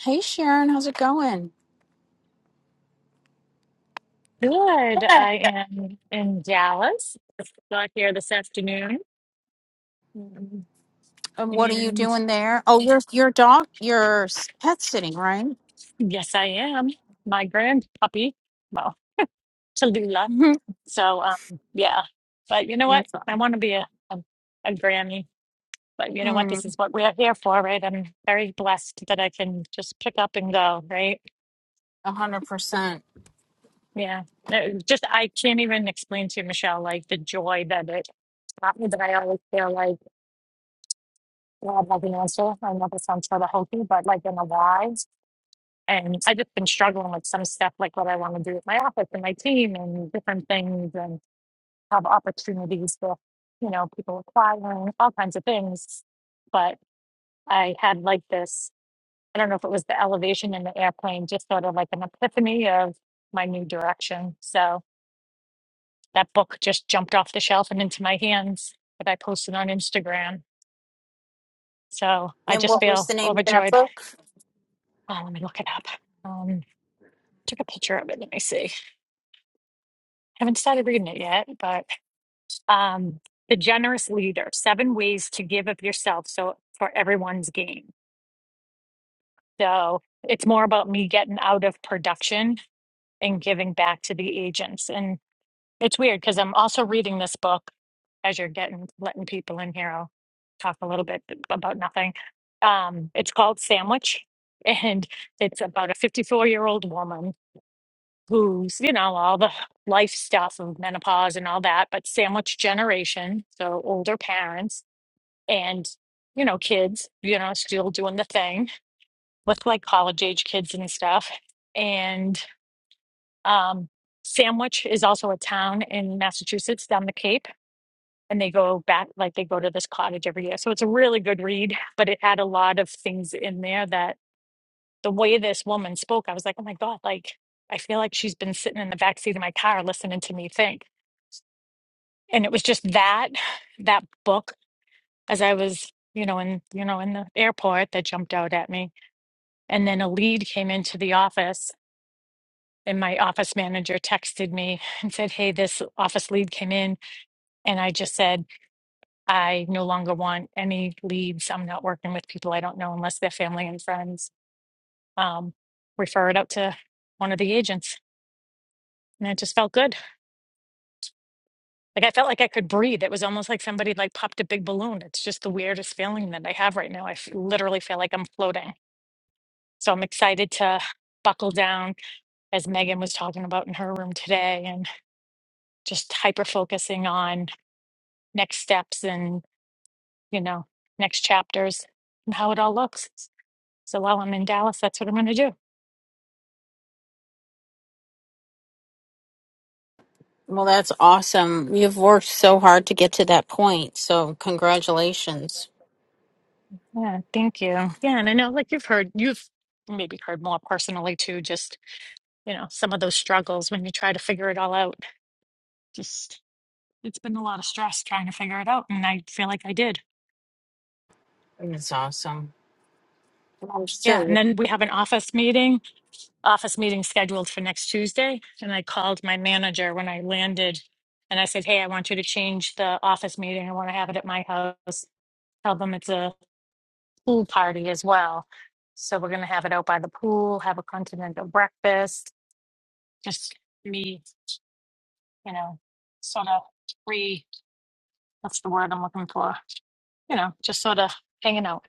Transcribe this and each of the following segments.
Hey Sharon, how's it going? Good. I am in Dallas. Got here this afternoon. Um, And what are you And doing there? Oh, your your dog, your s- pet sitting, right? yes, I am. My grand puppy, well, Tallulah. Mm-hmm. So, um, yeah. But you know what? That's all. I want to be a, a, a granny. But you know what? This Mm, is what we're here for, right? I'm very blessed that I can just pick up and go, right? a hundred percent. Yeah. Uh, Just, I can't even explain to you, Michelle, like the joy that it brought me that I always feel like. God has an answer. I know this sounds sort of hokey, but like in the wise. And I just been struggling with some stuff, like what I want to do with my office and my team and different things, and have opportunities for, you know, people acquiring all kinds of things. But I had like this, I don't know if it was the elevation in the airplane, just sort of like an epiphany of my new direction. So that book just jumped off the shelf and into my hands that I posted on Instagram. So I And just what was feel the name of that overjoyed. book? Oh, let me look it up. Um, took a picture of it. Let me see. Haven't started reading it yet, but um, The Generous Leader Seven Ways to Give of Yourself So for Everyone's Gain. So it's more about me getting out of production and giving back to the agents. And it's weird because I'm also reading this book as you're getting letting people in here. I'll talk a little bit about nothing. Um, it's called Sandwich, and it's about a 54 year old woman who's, you know, all the life stuff of menopause and all that, but sandwich generation, so older parents and, you know, kids, you know, still doing the thing with like college age kids and stuff. And um, Sandwich is also a town in Massachusetts down the Cape. And they go back, like they go to this cottage every year. So it's a really good read, but it had a lot of things in there that the way this woman spoke, I was like, oh my God, like I feel like she's been sitting in the back seat of my car listening to me think. and it was just that that book as I was you know in you know in the airport that jumped out at me and then a lead came into the office and my office manager texted me and said hey this office lead came in and I just said I no longer want any leads I'm not working with people I don't know unless they're family and friends um refer it out to one of the agents and it just felt good Like I felt like I could breathe. It was almost like somebody like popped a big balloon. It's just the weirdest feeling that I have right now. I f- literally feel like I'm floating. So I'm excited to buckle down as Megan was talking about in her room today and just hyper focusing on next steps and, you know, next chapters and how it all looks. So while I'm in Dallas, that's what I'm going to do. Well, that's awesome. You've worked so hard to get to that point, so congratulations. Yeah, thank you. Yeah, and I know like you've heard, you've maybe heard more personally too, just, you know, some of those struggles when you try to figure it all out. Just. It's been a lot of stress trying to figure it out, and I feel like I did. That's awesome. And I'm Yeah, and sure then we have an office meeting, office meeting scheduled for next Tuesday, and I called my manager when I landed and I said, "Hey, I want you to change the office meeting. I want to have it at my house. Tell them it's a pool party as well. So we're going to have it out by the pool, have a continental breakfast, just me, you know, sort of free, that's the word I'm looking for, you know, just sort of hanging out."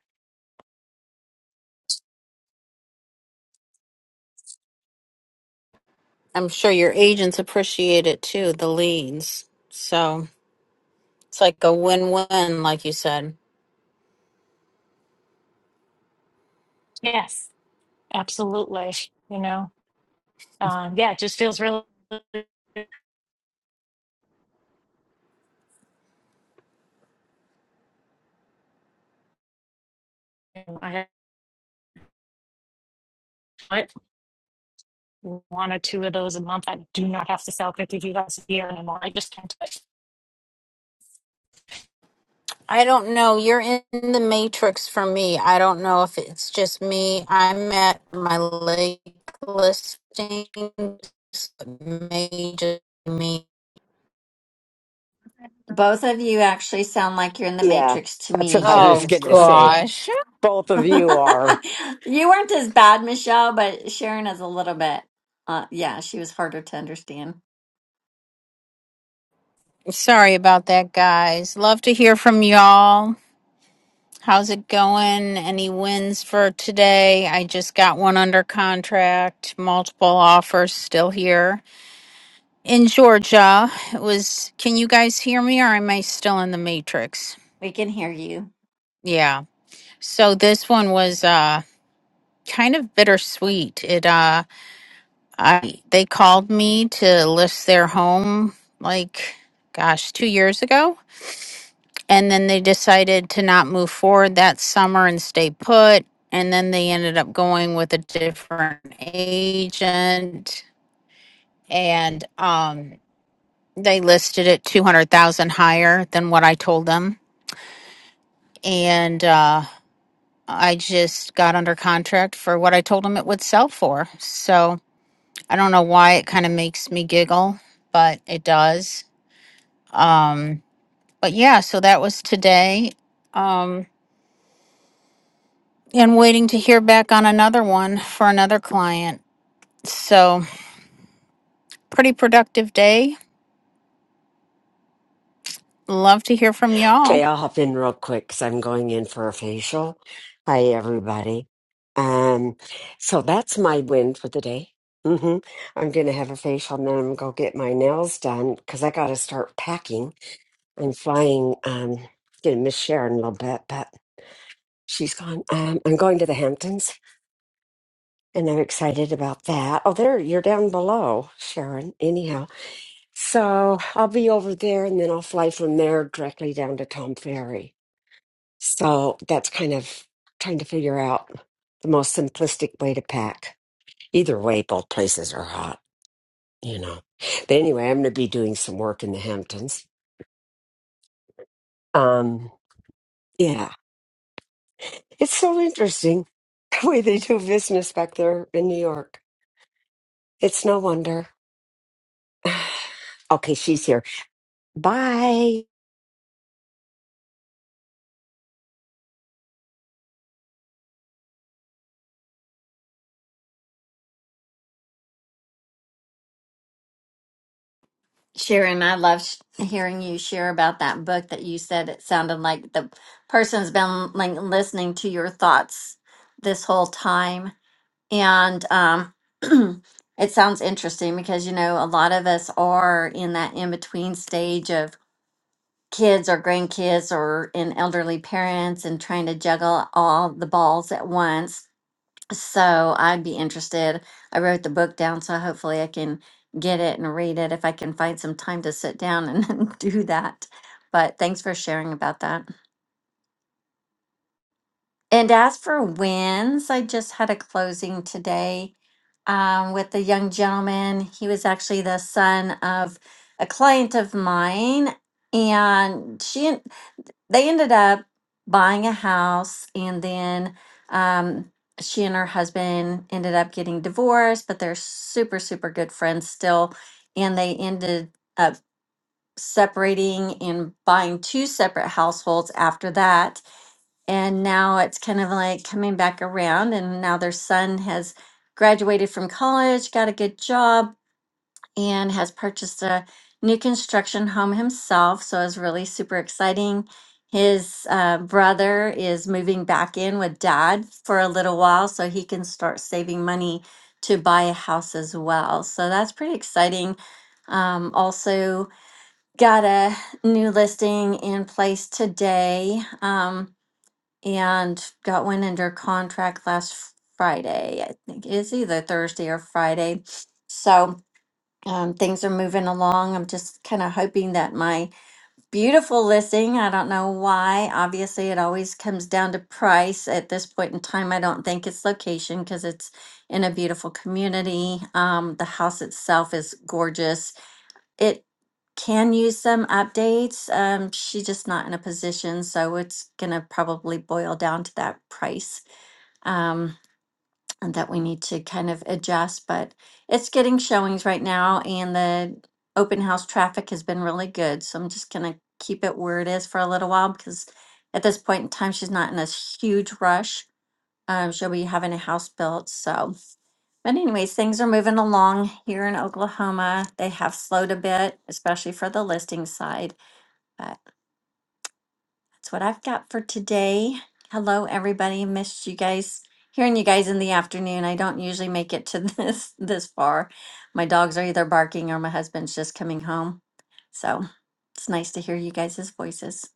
I'm sure your agents appreciate it too, the leads. So it's like a win-win, like you said. Yes, absolutely, you know. um, yeah, it just feels really. I have one or two of those a month. I do not have to sell fifty dollars a year anymore. I just can't do it. I don't know. You're in the matrix for me. I don't know if it's just me. I'm at my lake listings. May just be me. Both of you actually sound like you're in the Yeah, Matrix to that's me what I here was Oh in going to say. Oklahoma. gosh. Both of you are. you weren't as bad, Michelle, but Sharon is a little bit. Uh, yeah, she was harder to understand. Sorry about that, guys. Love to hear from y'all. How's it going? Any wins for today? I just got one under contract, multiple offers still here. In Georgia, it was can you guys hear me or am I still in the matrix? We can hear you. Yeah. So this one was uh kind of bittersweet. It uh I they called me to list their home like gosh, 2 years ago and then they decided to not move forward that summer and stay put and then they ended up going with a different agent and um they listed it 200,000 higher than what I told them and uh I just got under contract for what I told them it would sell for. So I don't know why it kind of makes me giggle, but it does. Um, but yeah, so that was today. Um, and waiting to hear back on another one for another client. So, pretty productive day. Love to hear from y'all. Okay, I'll hop in real quick because I'm going in for a facial. Hi, everybody. Um, so that's my win for the day. hmm I'm going to have a facial and then I'm going to go get my nails done because I got to start packing. I'm flying, um, going to miss Sharon a little bit, but she's gone. Um, I'm going to the Hamptons and I'm excited about that. Oh, there, you're down below, Sharon. Anyhow. So I'll be over there and then I'll fly from there directly down to Tom Ferry. So that's kind of trying to figure out the most simplistic way to pack. Either way, both places are hot, you know. But anyway, I'm going to be doing some work in the Hamptons. Um, yeah, it's so interesting the way they do business back there in New York. It's no wonder. Okay, she's here. Bye. Sharon, I love sh- hearing you share about that book that you said it sounded like the person's been like listening to your thoughts this whole time. And um, it sounds interesting because, you know, a lot of us are in that in between stage of kids or grandkids or in elderly parents and trying to juggle all the balls at once. So I'd be interested. I wrote the book down, so hopefully I can get it and read it if I can find some time to sit down and do that. But thanks for sharing about that. And as for wins, I just had a closing today um, with a young gentleman. He was actually the son of a client of mine, and she they ended up buying a house and then um, she and her husband ended up getting divorced but they're super super good friends still and they ended up separating and buying two separate households after that and now it's kind of like coming back around and now their son has graduated from college got a good job and has purchased a new construction home himself. So it's really super exciting. His uh, brother is moving back in with dad for a little while so he can start saving money to buy a house as well. So that's pretty exciting. Um, also, got a new listing in place today um, and got one under contract last Friday. I think it is either Thursday or Friday. So, um, things are moving along. I'm just kind of hoping that my beautiful listing, I don't know why, obviously it always comes down to price at this point in time. I don't think it's location because it's in a beautiful community. Um, the house itself is gorgeous. It can use some updates. Um, she's just not in a position, so it's gonna probably boil down to that price. Um, and that we need to kind of adjust, but it's getting showings right now and the open house traffic has been really good. So I'm just gonna keep it where it is for a little while because at this point in time, she's not in this huge rush. Um, she'll be having a house built, so. But anyways, things are moving along here in Oklahoma. They have slowed a bit, especially for the listing side. That's what I've got for today. Hello, everybody. Missed you guys. Hearing you guys in the afternoon. I don't usually make it to this this far. My dogs are either barking or my husband's just coming home. So it's nice to hear you guys' voices.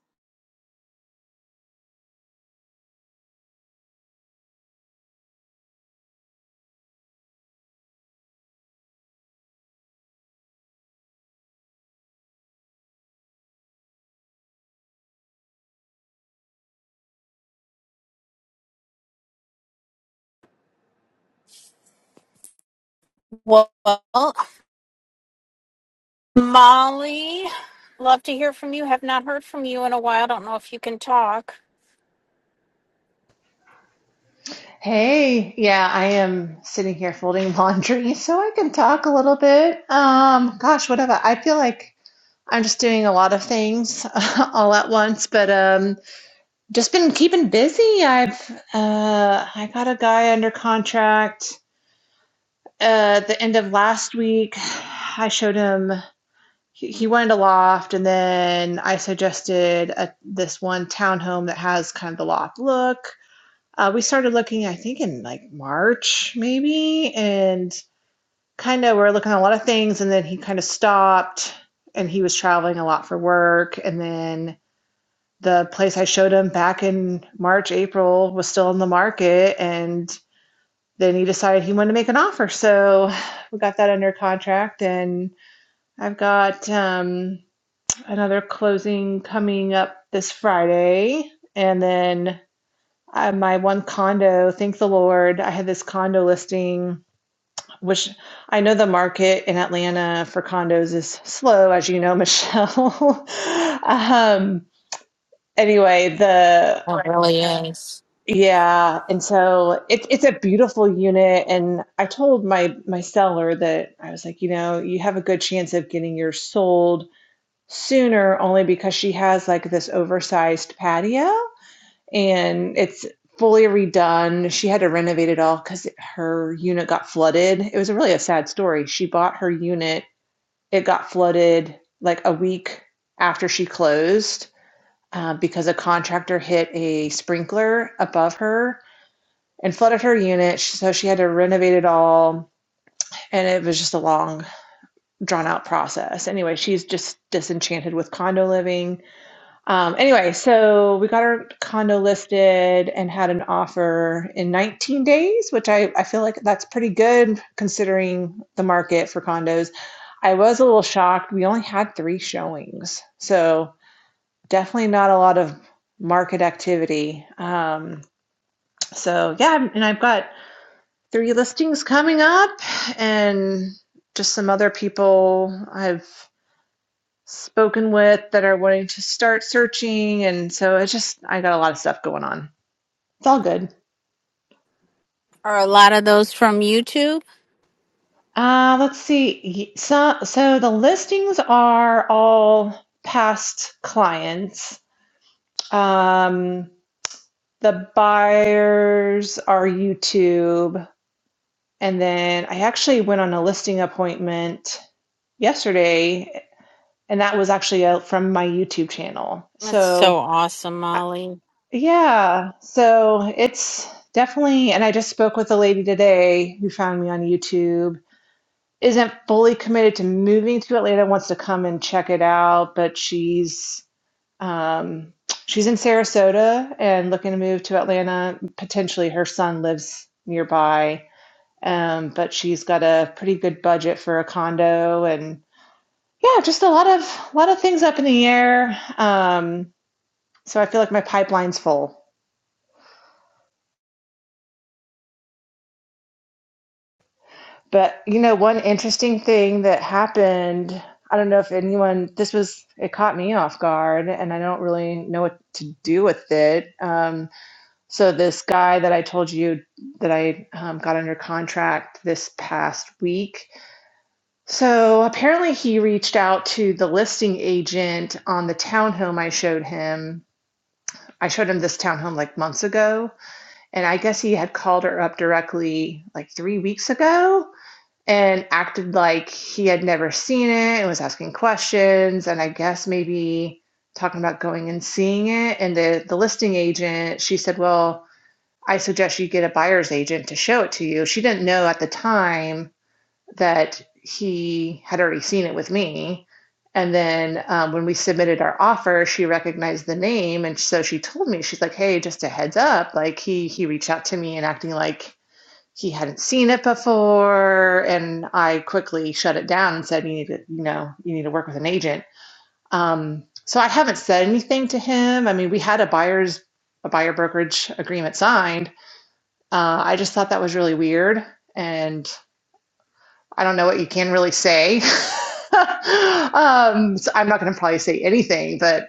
Well, Molly, love to hear from you. Have not heard from you in a while. Don't know if you can talk. Hey, yeah, I am sitting here folding laundry so I can talk a little bit. Um, gosh, whatever. I feel like I'm just doing a lot of things all at once, but um just been keeping busy. I've uh I got a guy under contract uh at the end of last week. I showed him he he wanted a loft, and then I suggested a, this one townhome that has kind of the loft look. Uh, we started looking, I think, in like March maybe, and kind of we're looking at a lot of things. And then he kind of stopped, and he was traveling a lot for work. And then the place I showed him back in March, April was still in the market, and then he decided he wanted to make an offer. So we got that under contract, and I've got um, another closing coming up this Friday, and then uh, my one condo, thank the Lord, I had this condo listing, which I know the market in Atlanta for condos is slow, as you know, Michelle. um, anyway, the It really is. yeah, and so it's it's a beautiful unit, and I told my my seller that I was like, you know, you have a good chance of getting yours sold sooner, only because she has like this oversized patio. and it's fully redone. She had to renovate it all because her unit got flooded. It was a really a sad story. She bought her unit, it got flooded like a week after she closed uh, because a contractor hit a sprinkler above her and flooded her unit. So she had to renovate it all. And it was just a long, drawn out process. Anyway, she's just disenchanted with condo living um, anyway, so we got our condo listed and had an offer in 19 days, which I, I feel like that's pretty good considering the market for condos. I was a little shocked. We only had three showings, so definitely not a lot of market activity. Um, so yeah, and I've got three listings coming up and just some other people I've spoken with that are wanting to start searching. And so it's just, I got a lot of stuff going on. It's all good. Are a lot of those from YouTube? Uh, let's see. So, so the listings are all past clients. Um, the buyers are YouTube. And then I actually went on a listing appointment yesterday, and that was actually uh, from my YouTube channel. That's so So awesome, Molly. Yeah, so it's definitely, and I just spoke with a lady today who found me on YouTube, isn't fully committed to moving to Atlanta, wants to come and check it out, but she's um, she's in Sarasota and looking to move to Atlanta. Potentially, her son lives nearby, um, but she's got a pretty good budget for a condo, and yeah, just a lot of a lot of things up in the air. Um, so I feel like my pipeline's full. But you know, one interesting thing that happened, I don't know if anyone, this was, it caught me off guard and I don't really know what to do with it. Um, so this guy that I told you that I um, got under contract this past week. So apparently he reached out to the listing agent on the townhome I showed him. I showed him this townhome like months ago, and I guess he had called her up directly like three weeks ago and acted like he had never seen it and was asking questions and I guess maybe talking about going and seeing it and the the listing agent she said, "Well, I suggest you get a buyer's agent to show it to you." She didn't know at the time that he had already seen it with me. And then um, when we submitted our offer, she recognized the name, and so she told me, she's like, "Hey, just a heads up, like he he reached out to me and acting like he hadn't seen it before and i quickly shut it down and said you need to you know you need to work with an agent um, so i haven't said anything to him i mean we had a buyer's a buyer brokerage agreement signed uh, i just thought that was really weird and i don't know what you can really say um, so i'm not going to probably say anything but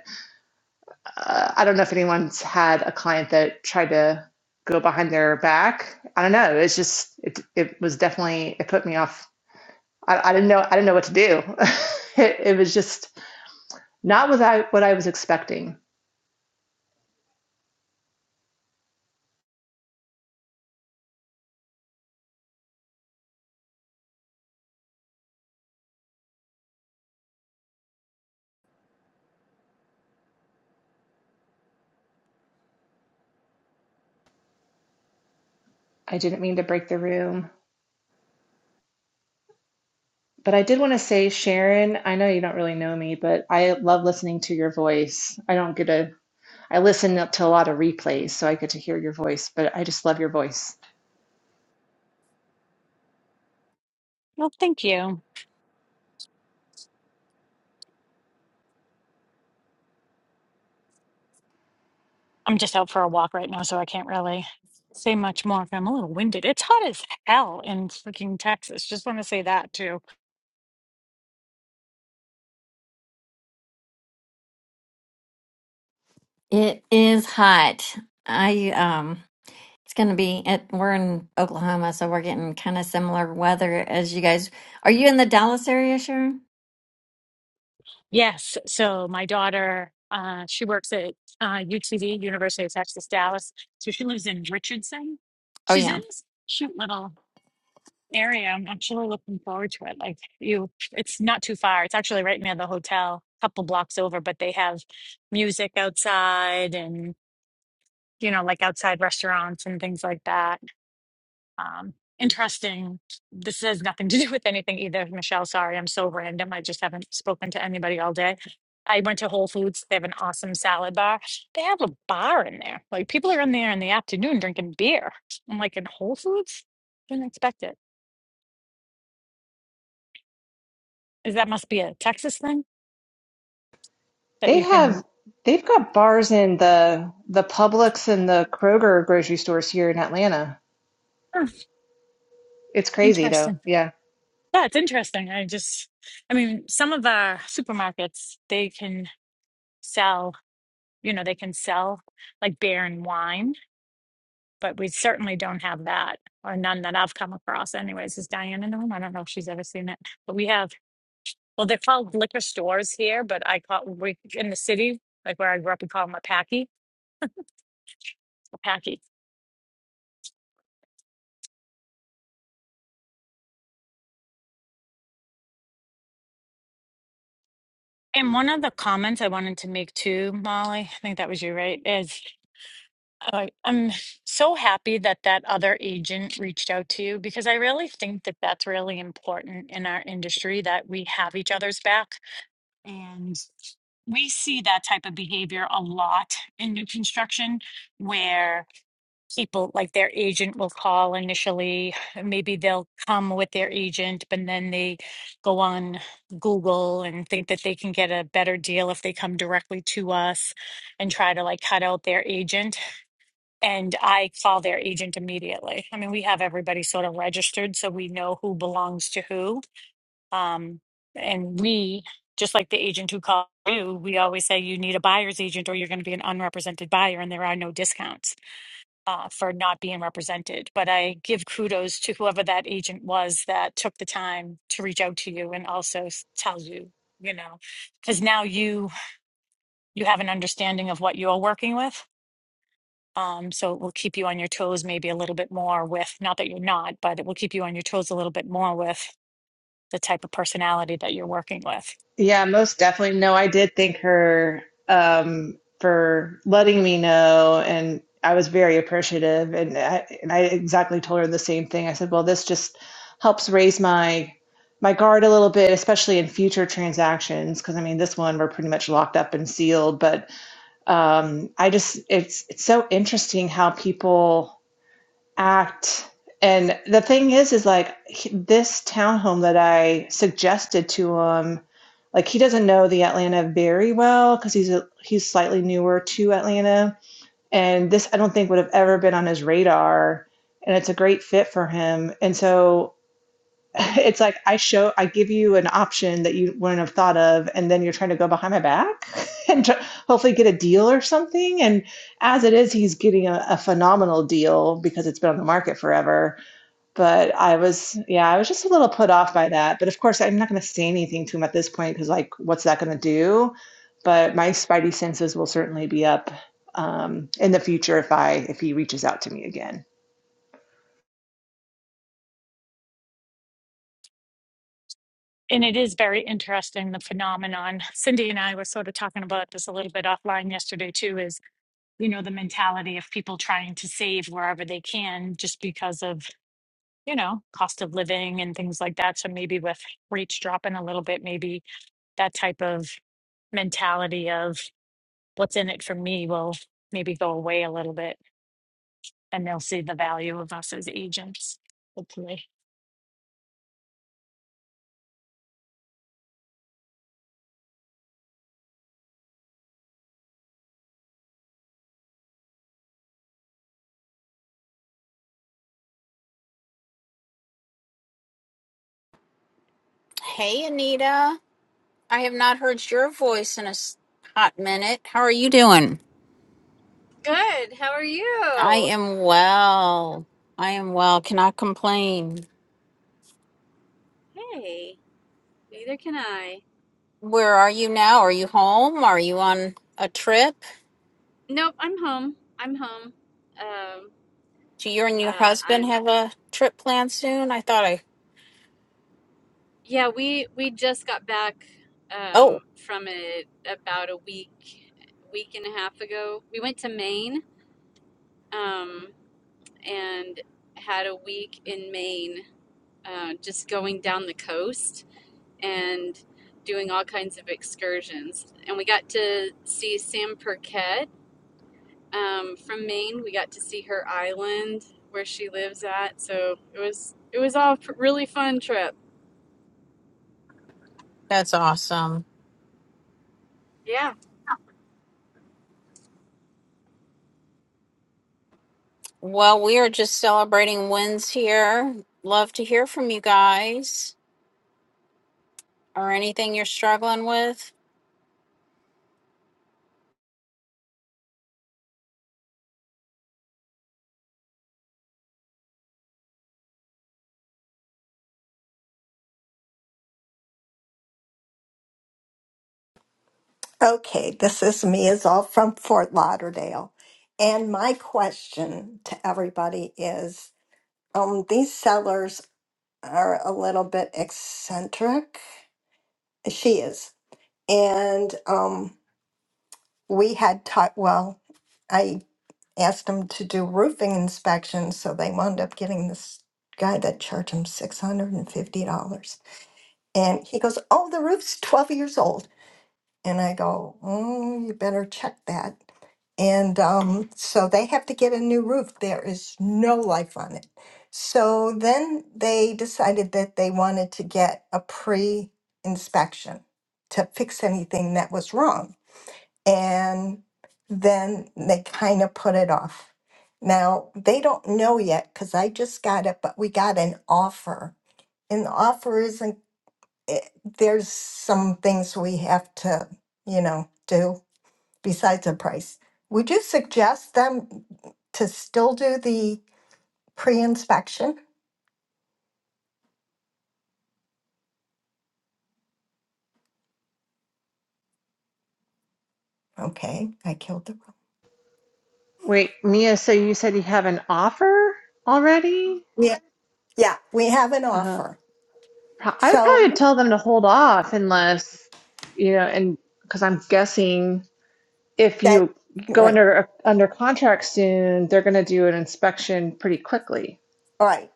uh, i don't know if anyone's had a client that tried to go behind their back i don't know it's just it, it was definitely it put me off I, I didn't know I didn't know what to do. it, it was just not what I what I was expecting. I didn't mean to break the room, but I did want to say, Sharon. I know you don't really know me, but I love listening to your voice. I don't get a I listen up to a lot of replays, so I get to hear your voice. But I just love your voice. Well, thank you. I'm just out for a walk right now, so I can't really say much more. I'm a little winded. It's hot as hell in freaking Texas. Just want to say that too. It is hot. I um it's gonna be at we're in Oklahoma, so we're getting kind of similar weather as you guys. Are you in the Dallas area, Sharon? Yes. So my daughter, uh, she works at uh, UTD, University of Texas, Dallas. So she lives in Richardson. Oh She's yeah. in this cute little area. I'm actually looking forward to it. Like you, it's not too far. It's actually right near the hotel, a couple blocks over, but they have music outside and, you know, like outside restaurants and things like that. Um, interesting. This has nothing to do with anything either, Michelle. Sorry, I'm so random. I just haven't spoken to anybody all day. I went to Whole Foods. They have an awesome salad bar. They have a bar in there. Like people are in there in the afternoon drinking beer. I'm like in Whole Foods? Didn't expect it. Is that must be a Texas thing? that They you can. have they've got bars in the the Publix and the Kroger grocery stores here in Atlanta. Huh, It's crazy though. interesting. Yeah. Yeah, it's interesting. I just, I mean, some of our supermarkets, they can sell, you know, they can sell like beer and wine, but we certainly don't have that, or none that I've come across, anyways. Is Diane in the room? I don't know if she's ever seen it, but we have, well, they're called liquor stores here, but I call, we, in the city, like where I grew up, we call them a packy, a packy. And one of the comments I wanted to make too, Molly, I think that was you, right? Is I, I'm so happy that that other agent reached out to you because I really think that that's really important in our industry that we have each other's back. And we see that type of behavior a lot in new construction where people, like their agent, will call initially. Maybe they'll come with their agent, but then they go on Google and think that they can get a better deal if they come directly to us and try to like cut out their agent and I call their agent immediately. I mean, we have everybody sort of registered so we know who belongs to who. Um, and we, just like the agent who called you, we always say you need a buyer's agent or you're going to be an unrepresented buyer, and there are no discounts uh, for not being represented. But I give kudos to whoever that agent was that took the time to reach out to you and also s- tell you, you know, because now you you have an understanding of what you're working with um, so it will keep you on your toes maybe a little bit more with, not that you're not, but it will keep you on your toes a little bit more with the type of personality that you're working with. Yeah, most definitely. No, I did thank her um, for letting me know, and I was very appreciative. And I, and I exactly told her the same thing. I said, "Well, this just helps raise my my guard a little bit, especially in future transactions, because I mean, this one we're pretty much locked up and sealed. But um, I just it's it's so interesting how people." act and the thing is is like he- this townhome that i suggested to him like he doesn't know the atlanta very well because he's a, he's slightly newer to atlanta and this i don't think would have ever been on his radar and it's a great fit for him and so it's like I show, I give you an option that you wouldn't have thought of, and then you're trying to go behind my back and tr- hopefully get a deal or something. And as it is, he's getting a, a phenomenal deal because it's been on the market forever. But I was, yeah, I was just a little put off by that. But of course, I'm not going to say anything to him at this point because, like, what's that going to do? But my spidey senses will certainly be up um, in the future if I if he reaches out to me again. And it is very interesting, the phenomenon. Cindy and I were sort of talking about this a little bit offline yesterday too, is, you know, the mentality of people trying to save wherever they can just because of, you know, cost of living and things like that. So maybe with rates dropping a little bit, maybe that type of mentality of what's in it for me will maybe go away a little bit. and they'll see the value of us as agents, hopefully. Hey, Anita. I have not heard your voice in a s- hot minute. How are you doing? Good. How are I you? am well. I am well. Cannot complain. Hey. Neither can I. Where are you now? Are you home? Are you on a trip? Nope. I'm home. I'm home. Um. Do you and your Uh. husband I'm. have a trip planned soon? I thought I. Yeah. We we just got back Oh, um from it about a week week and a half ago. We went to Maine. Um. And had a week in Maine. Uh, just going down the coast and doing all kinds of excursions. And we got to see Sam Perquet um, from Maine. We got to see her island where she lives at, so it was it was all a really fun trip. that's awesome. Yeah. Well, we are just celebrating wins here. Love to hear from you guys or anything you're struggling with. Okay, this is me is all from Fort Lauderdale. And my question to everybody is um these sellers are a little bit eccentric. She is. And um we had taught well, I asked them to do roofing inspections, so they wound up getting this guy that charged him six hundred and fifty dollars. And he goes, Oh, the roof's twelve years old. And I go, Oh, you better check that. And um, so they have to get a new roof. There is no life on it. So then they decided that they wanted to get a pre inspection to fix anything that was wrong. And then they kind of put it off. Now they don't know yet because I just got it, but we got an offer. And the offer isn't, it, there's some things we have to, you know, do besides the price. Would you suggest them to still do the pre-inspection? Okay, I killed the. Wait, Mia, so you said you have an offer already? Yeah, yeah, we have an Uh, offer. pro- I would probably So tell them to hold off unless, you know, and because I'm guessing if that you go right, under under contract soon, they're going to do an inspection pretty quickly. all right.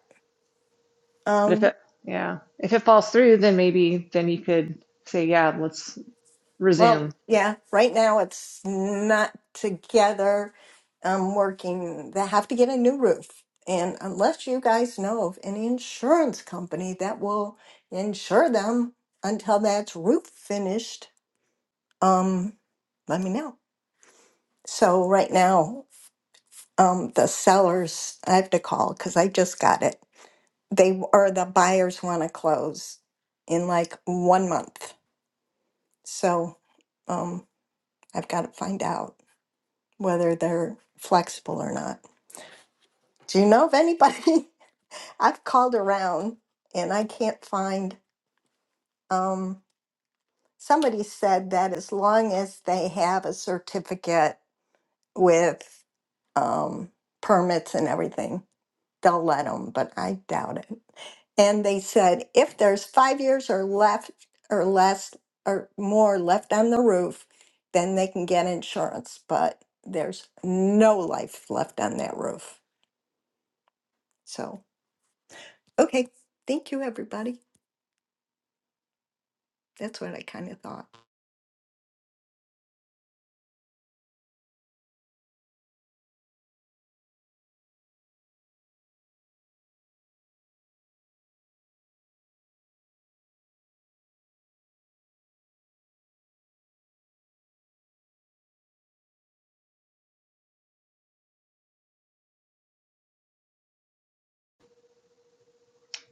But if Um, it, yeah, if it falls through, then maybe then you could say, yeah, let's resume. well, yeah, right now it's not together. I'm working. They have to get a new roof, and unless you guys know of any insurance company that will insure them until that's roof finished, um, let me know. So right now, um, the sellers, I have to call because I just got it. They or the buyers want to close in like one month. So um, I've got to find out whether they're flexible or not. Do you know of anybody? I've called around and I can't find. Um, somebody said that as long as they have a certificate with um, permits and everything, they'll let them, but I doubt it. And they said if there's five years or left or less or more left on the roof, then they can get insurance. But there's no life left on that roof. So, okay. Thank you, everybody. That's what I kind of thought.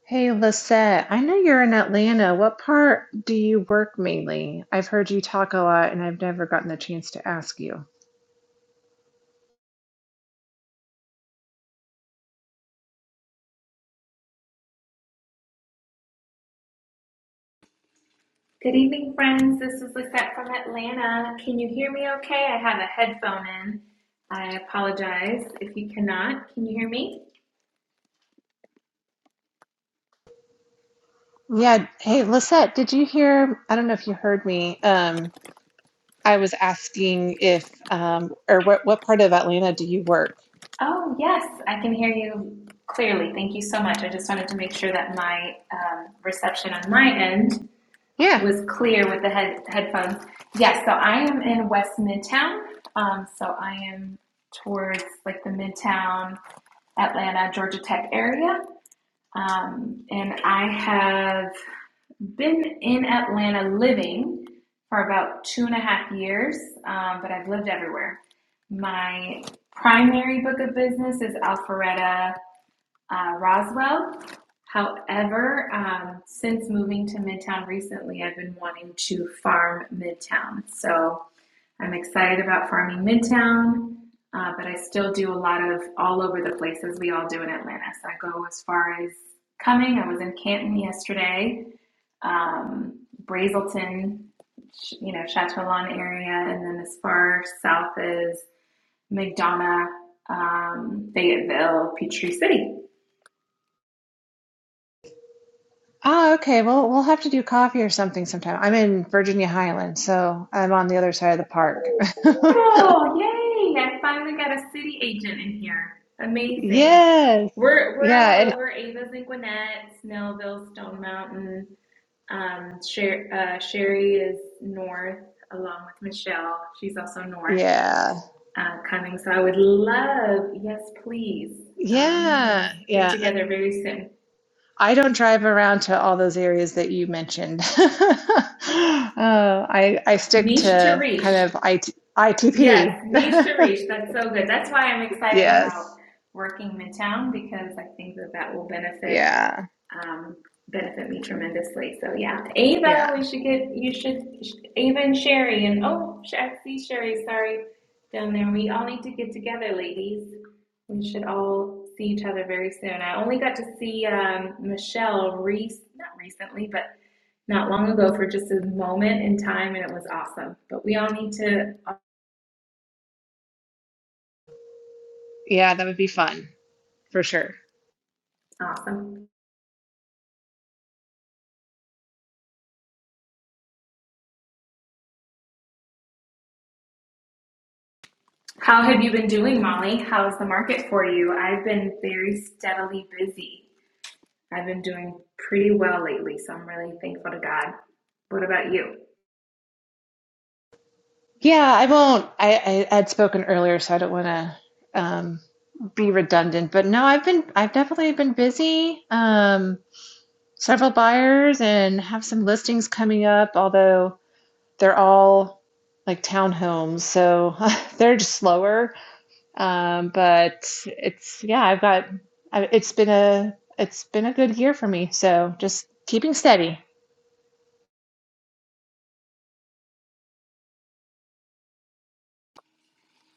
Hey, Lisette, I know you're in Atlanta. What part do you work mainly? I've heard you talk a lot and I've never gotten the chance to ask you. Good evening, friends. This is Lisette from Atlanta. Can you hear me okay? I have a headphone in. I apologize if you cannot. Can you hear me? Yeah. Hey, Lisette, did you hear? I don't know if you heard me. Um, I was asking if, um, or what, what part of Atlanta do you work? Oh, yes, I can hear you clearly. Thank you so much. I just wanted to make sure that my um, reception on my end Yeah. was clear with the head- headphones. Yes, so I am in West Midtown. Um, so I am towards like the Midtown, Atlanta, Georgia Tech area. Um, and I have been in Atlanta living for about two and a half years, um, but I've lived everywhere. My primary book of business is Alpharetta uh, Roswell. However, um, since moving to Midtown recently, I've been wanting to farm Midtown. So I'm excited about farming Midtown, uh, but I still do a lot of all over the places we all do in Atlanta. So I go as far as coming. I was in Canton yesterday, um, Brazelton, you know, Chateaulon area, and then as far south as McDonough, um, Fayetteville, Peachtree City. Oh, okay. Well, we'll have to do coffee or something sometime. I'm in Virginia Highlands, so I'm on the other side of the park. Oh, yay! I finally got a city agent in here. Amazing. Yes. We're we're Yeah. all And over. Ava's in Gwinnett, Snellville, Stone Mountain. Um, Sher- uh, Sherry is north, along with Michelle. She's also north yeah. uh, coming. So I would love, yes, please. Um, Yeah, let's get yeah. together very soon. I don't drive around to all those areas that you mentioned. Uh, I I stick Niche to to kind reach. of IT, Yes, niche to reach. That's so good. That's why I'm excited about Yes. working midtown because I think that that will benefit Yeah. um, benefit me tremendously. So yeah, Ava, Yeah. we should get you should Ava and Sherry and oh, I see Sherry. Sorry, down there. We all need to get together, ladies. We should all see each other very soon. I only got to see um, Michelle Reese not recently, but not long ago for just a moment in time, and it was awesome. But we all need to Yeah, that would be fun for sure. awesome. How have you been doing, Molly? How's the market for you? I've been very steadily busy. I've been doing pretty well lately, so I'm really thankful to God. What about you? Yeah, I won't. I, I had spoken earlier, so I don't want to um, be redundant. But no, I've been I've definitely been busy. Um, several buyers and have some listings coming up, although they're all like townhomes, so they're just slower. Um, but it's yeah, I've got I, it's been a it's been a good year for me, so just keeping steady.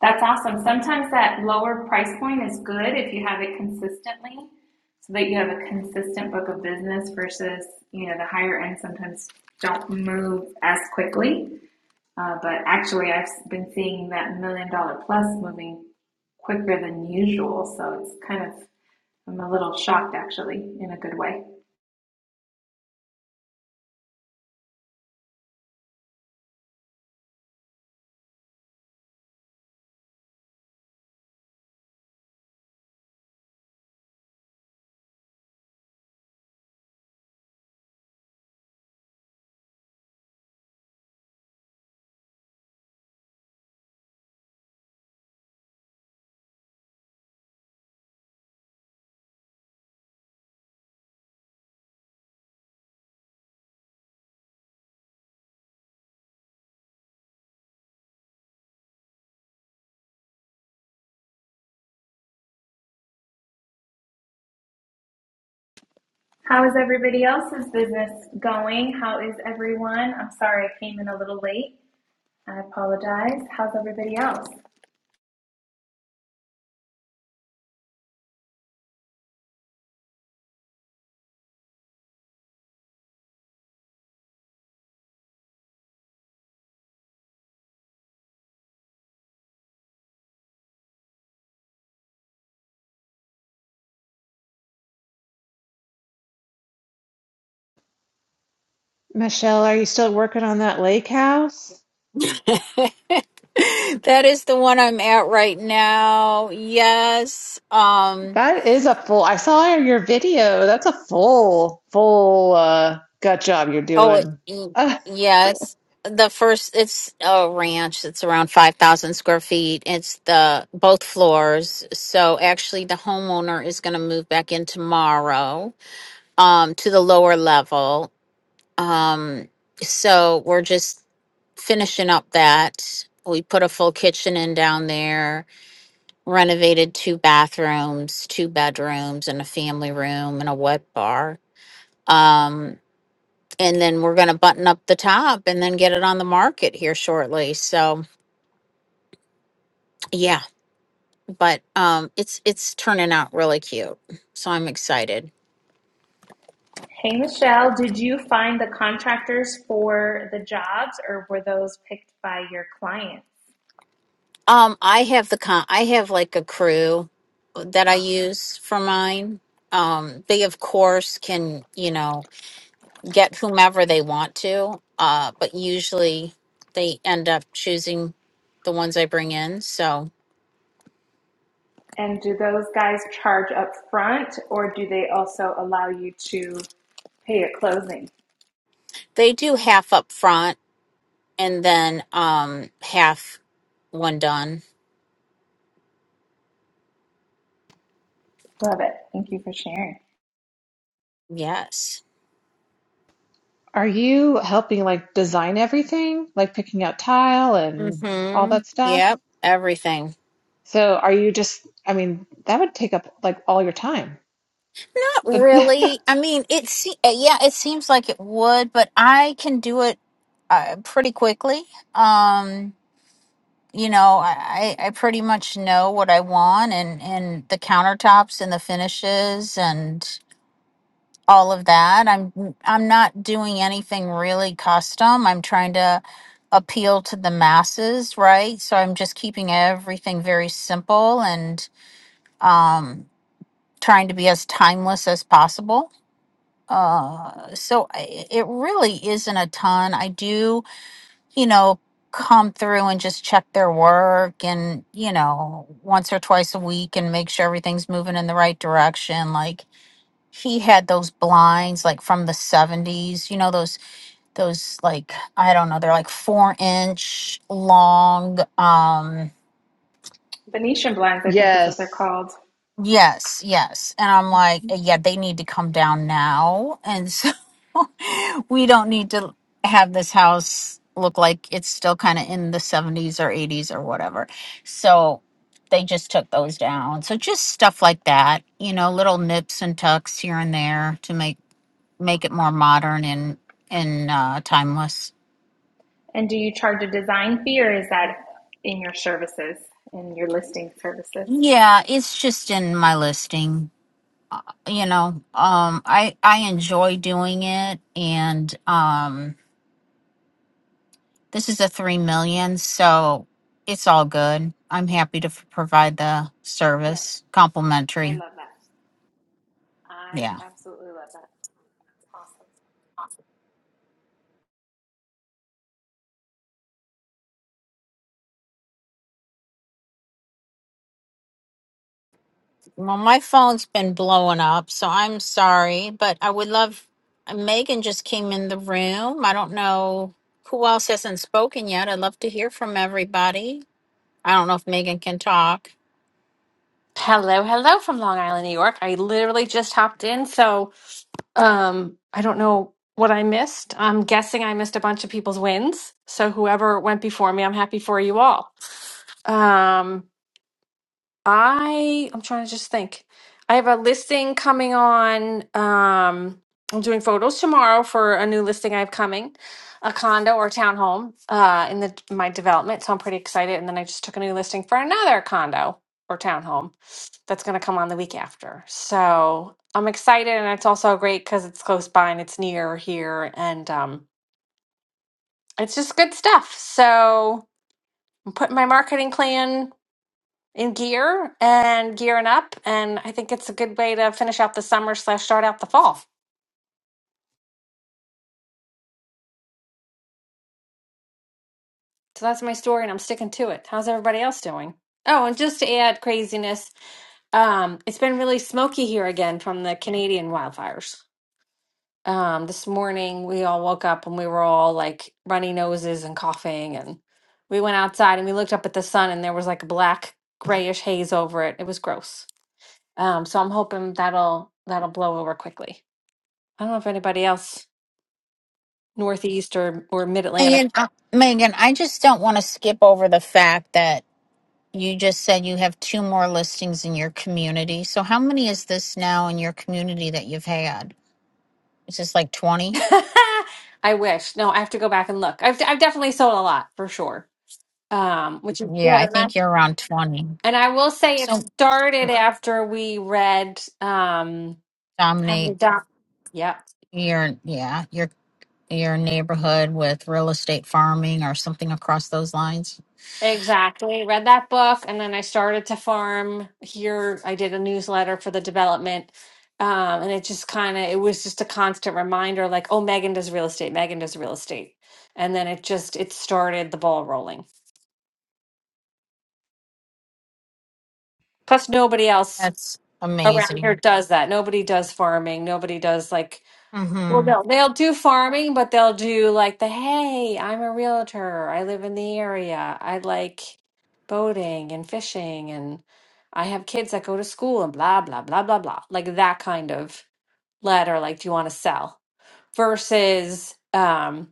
That's awesome. Sometimes that lower price point is good if you have it consistently, so that you have a consistent book of business versus, you know, the higher end sometimes don't move as quickly. Uh, but actually, I've been seeing that million dollar plus moving quicker than usual, so it's kind of, I'm a little shocked actually in a good way. How is everybody else's business going? How is everyone? I'm sorry I came in a little late. I apologize. How's everybody else? Michelle, are you still working on that lake house? that is the one I'm at right now. Yes. Um. That is a full. I saw your video. That's a full full uh gut job you're Oh, it, doing. y- Uh, yeah. It's the first. It's a ranch. It's around five thousand square feet. It's the both floors. So actually, the homeowner is going to move back in tomorrow. Um, to the lower level. Um. So we're just finishing up that. We put a full kitchen in down there renovated two bathrooms, two bedrooms, and a family room and a wet bar. Um, and then we're going to button up the top and then get it on the market here shortly. So, yeah, but um, it's it's turning out really cute. So I'm excited. Hey, Michelle, did you find the contractors for the jobs or were those picked by your clients? Um, I have the con- I have like a crew that I Awesome. use for mine. Um, they of course can you know get whomever they want to, uh, but usually they end up choosing the ones I bring in. So And do those guys charge up front or do they also allow you to pay at closing? they do half up front and then um, half when done. Love it. Thank you for sharing. Yes. are you helping like design everything, like picking out tile and all Mm-hmm. that stuff? Yep. Everything. So are you just I mean, that would take up like all your time. Not really. I mean, it. Se- uh, yeah, it seems like it would, but I can do it uh, pretty quickly. Um, you know, I, I I pretty much know what I want and, and the countertops and the finishes and all of that. I'm I'm not doing anything really custom. I'm trying to appeal to the masses, right? So I'm just keeping everything very simple and um, trying to be as timeless as possible. Uh, so I, it really isn't a ton. I do you know, come through and just check their work and, you know, once or twice a week and make sure everything's moving in the right direction. Like he had those blinds like from the 70s, you know, those those like I don't know, they're like 4 inch long um Venetian blinds, I think, is what they're Yes. called. Yes, yes. And I'm Mm-hmm. like, uh, yeah, they need to come down now. And so we don't need to have this house look like it's still kind of in the 70s or 80s or whatever. So they just took those down. So just stuff like that, you know, little nips and tucks here and there to make make it more modern and and uh timeless. And do you charge a design fee or is that in your services, in your listing services? Yeah, it's just in my listing. You know, um I I enjoy doing it and um This is a three million, so it's all good. I'm happy to f- provide the Yeah, service I complimentary. love that. I Yeah. absolutely love that. It's awesome. Well, my phone's been blowing up, so I'm sorry, but I would love. uh, Megan just came in the room. I don't know who else hasn't spoken yet. I'd love to hear from everybody. I don't know if Megan can talk. Hello, hello from Long Island, New York. I literally just hopped in, so um, I don't know what I missed. I'm guessing I missed a bunch of people's wins. So whoever went before me, I'm happy for you all. Um, I I'm trying to just think. I have a listing coming on. Um, I'm doing photos tomorrow for a new listing I have coming, a condo or townhome uh, in the my development. So I'm pretty excited. And then I just took a new listing for another condo or townhome that's going to come on the week after. So I'm excited, and it's also great because it's close by and it's near here, and um, it's just good stuff. So I'm putting my marketing plan in gear and gearing up. And I think it's a good way to finish out the summer slash start out the fall. So that's my story, and I'm sticking to it. How's everybody else doing? Oh, and just to add craziness, um, it's been really smoky here again from the Canadian wildfires. Um, this morning we all woke up and we were all like runny noses and coughing, and we went outside and we looked up at the sun, and there was like a black grayish haze over it. It was gross. Um, so I'm hoping that'll that'll blow over quickly. I don't know if anybody else Northeast or or Mid Atlantic. Megan, uh, Megan, I just don't want to skip over the fact that You just said you have two more listings in your community. So how many is this now in your community that you've had? Is this like 20? I wish. No, I have to go back and look. I've I've definitely sold a lot for sure. Um, which is Yeah, good. I And I, think you're around 20. and I will say it So started after we read um How to dominate Adopt. Yep. your yeah, your your neighborhood with real estate farming or something across those lines. Exactly. Read that book and then I started to farm here. I did a newsletter for the development. Um, and it just kind of it was just a constant reminder like, oh, Megan does real estate, Megan does real estate. And then it just it started the ball rolling. Plus, nobody else That's around here amazing. does that. Nobody does farming. Nobody does like, well, Mhm. no, they'll do farming, but they'll do like the, hey, I'm a realtor. I live in the area. I like boating and fishing and I have kids that go to school and blah, blah, blah, blah, blah. Like that kind of letter. Like, do you want to sell versus um,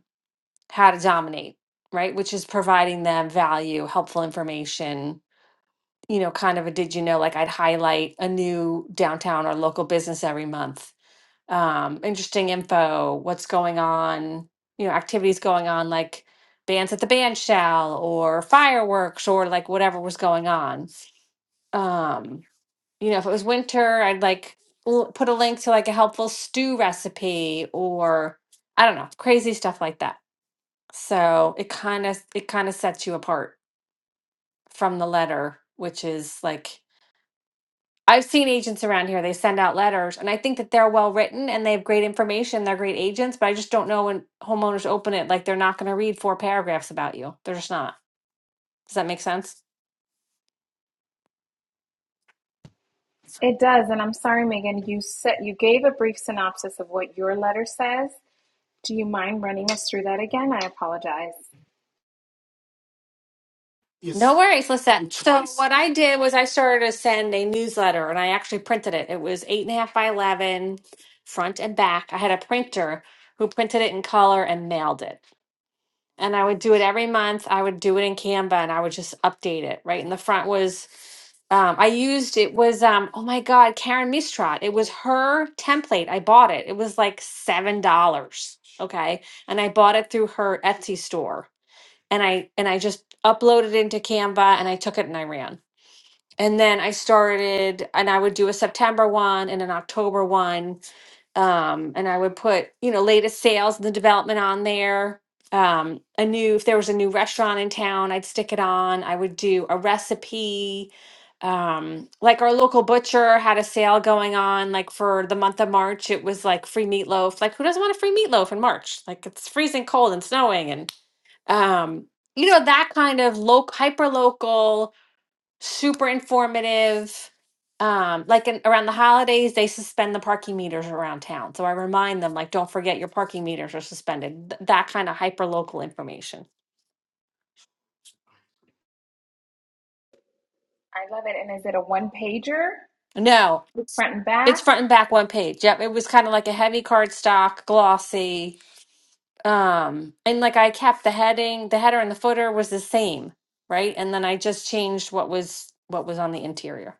how to dominate, right? Which is providing them value, helpful information you know, kind of a did you know, like I'd highlight a new downtown or local business every month. Um, interesting info, what's going on, you know, activities going on like bands at the band shell or fireworks or like whatever was going on. Um, you know, if it was winter, I'd like l- put a link to like a helpful stew recipe or I don't know, crazy stuff like that. So it kind of it kind of sets you apart from the letter, which is like I've seen agents around here. They send out letters, and I think that they're well written and they have great information. They're great agents, but I just don't know when homeowners open it, like they're not going to read four paragraphs about you. They're just not. Does that make sense? It does, and I'm sorry, Megan. You said you gave a brief synopsis of what your letter says. Do you mind running us through that again? I apologize. No Yes. worries, Lisette. So what I did was I started to send a newsletter, and I actually printed it. It was eight and a half by eleven, front and back. I had a printer who printed it in color and mailed it. and I would do it every month. I would do it in Canva and I would just update it. Right in the front was um, I used it was um oh my god Karen Mistrat. It was her template. I bought it. It was like seven dollars. Okay, and I bought it through her Etsy store and I and I just uploaded it into Canva and I took it and I ran. And then I started and I would do a September one and an October one um, and I would put you know latest sales and the development on there. Um, a new if there was a new restaurant in town, I'd stick it on. I would do a recipe. Um, like our local butcher had a sale going on, like for the month of March, it was like free meatloaf. Like who doesn't want a free meatloaf in March? Like it's freezing cold and snowing, and um, you know that kind of local, hyper local super informative. Um, like in, around the holidays, they suspend the parking meters around town. So I remind them, like, don't forget your parking meters are suspended. Th- that kind of hyper local information. I love it. And is it a one pager, No, it's front and it's back, front and back one page. Yep, it was kind of like a heavy cardstock, glossy. Um, and like I kept the heading, the header and the footer was the same, right? And then I just changed what was what was on the interior.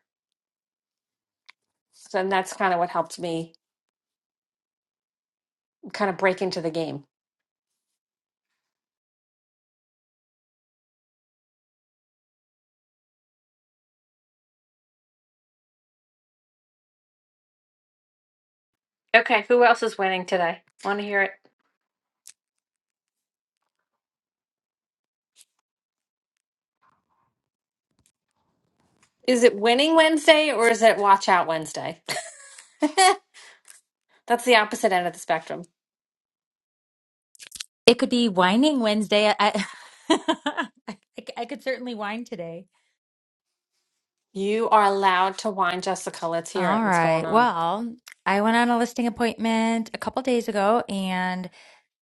So and that's kind of what helped me kind of break into the game. Okay, who else is winning today? Want to hear it? Is it winning Wednesday or is it watch out Wednesday? That's the opposite end of the spectrum. It could be whining Wednesday. I, I, I could certainly whine today. You are allowed to whine, Jessica. Let's hear All it. What's right. going on? Well, I went on a listing appointment a couple days ago and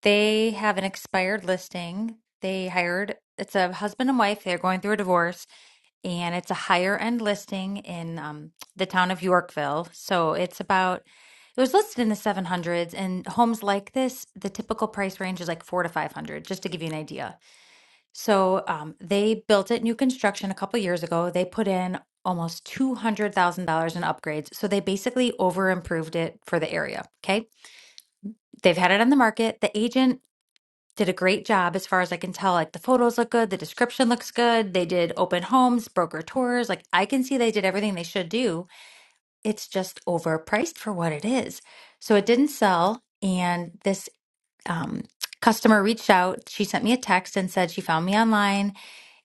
they have an expired listing. They hired, it's a husband and wife. They're going through a divorce and it's a higher end listing in um, the town of Yorkville. So it's about, it was listed in the 700s and homes like this, the typical price range is like four to 500, just to give you an idea. So um, they built it new construction a couple years ago. They put in almost $200,000 in upgrades. So they basically over improved it for the area. Okay. They've had it on the market. The agent did a great job as far as I can tell. Like the photos look good, the description looks good. They did open homes, broker tours. Like I can see they did everything they should do. It's just overpriced for what it is. So it didn't sell. And this um, customer reached out. She sent me a text and said she found me online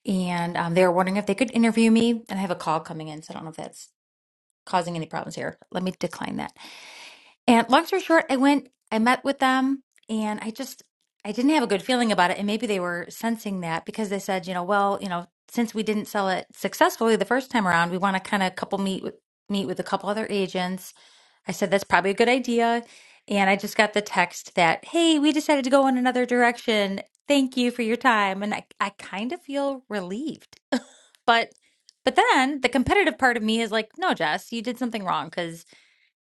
and um, they were wondering if they could interview me. And I have a call coming in, so I don't know if that's causing any problems here. Let me decline that. And long story short, I went, I met with them, and I just, I didn't have a good feeling about it. And maybe they were sensing that because they said, you know, well, you know, since we didn't sell it successfully the first time around, we want to kind of couple meet with meet with a couple other agents. I said that's probably a good idea. And I just got the text that, hey, we decided to go in another direction. Thank you for your time. And I, I kind of feel relieved but but then the competitive part of me is like, no, Jess, you did something wrong because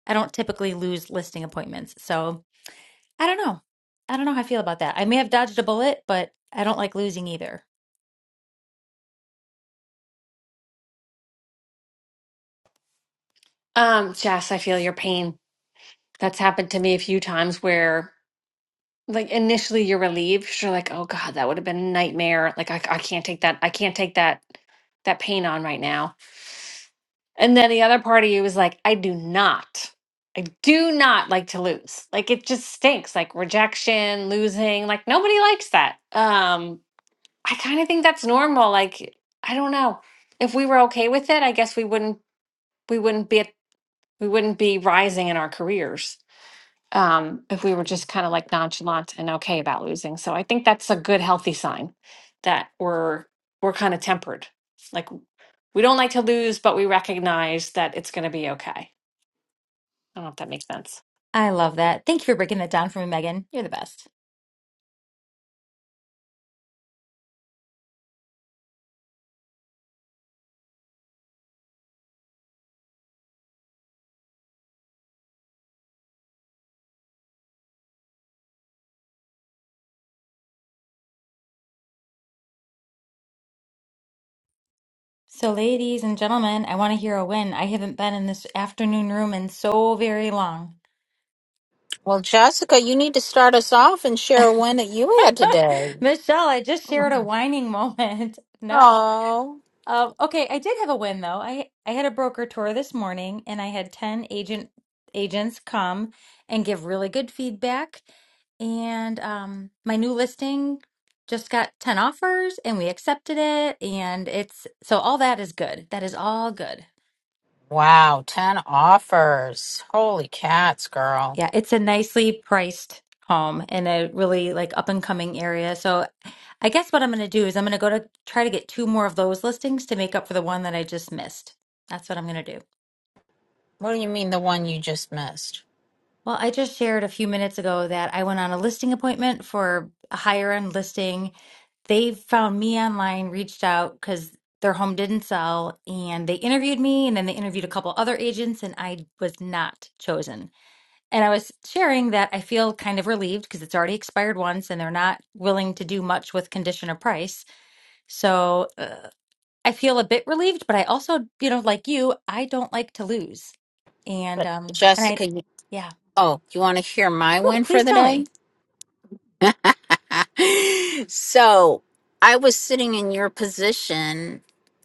I don't typically lose listing appointments. So I don't know. I don't know how I feel about that. I may have dodged a bullet, but I don't like losing either. Um, Jess, I feel your pain. That's happened to me a few times where, like, initially you're relieved. You're like, oh God, that would have been a nightmare. Like, I, I can't take that. I can't take that that pain on right now. And then the other part of you is like, I do not, I do not like to lose. Like it just stinks. Like rejection, losing, like nobody likes that. Um, I kind of think that's normal. Like, I don't know. If we were okay with it, I guess we wouldn't we wouldn't be at, we wouldn't be rising in our careers. Um, if we were just kind of like nonchalant and okay about losing. So I think that's a good healthy sign that we're we're kind of tempered. Like we don't like to lose, but we recognize that it's gonna be okay. I don't know if that makes sense. I love that. Thank you for breaking that down for me, Megan. You're the best. So, ladies and gentlemen, I want to hear a win. I haven't been in this afternoon room in so very long. Well, Jessica, you need to start us off and share a win that you had today. Michelle, I just shared a Oh. whining moment. No. Um, okay, I did have a win though. I I had a broker tour this morning and I had 10 agent agents come and give really good feedback. And um my new listing just got 10 offers and we accepted it and it's so all that is good. That is all good. Wow, 10 offers. Holy cats, girl. Yeah, it's a nicely priced home in a really like up and coming area. So I guess what I'm going to do is I'm going to go to try to get two more of those listings to make up for the one that I just missed. That's what I'm going to do. What do you mean the one you just missed? Well, I just shared a few minutes ago that I went on a listing appointment for a higher end listing. They found me online, reached out because their home didn't sell, and they interviewed me, and then they interviewed a couple other agents, and I was not chosen. And I was sharing that I feel kind of relieved because it's already expired once, and they're not willing to do much with condition or price. So uh, I feel a bit relieved, but I also, you know, like you, I don't like to lose, and But um, and I, Jessica, you, yeah. oh, you want to hear my Oh, win for please the tell me. day? so I was sitting in your position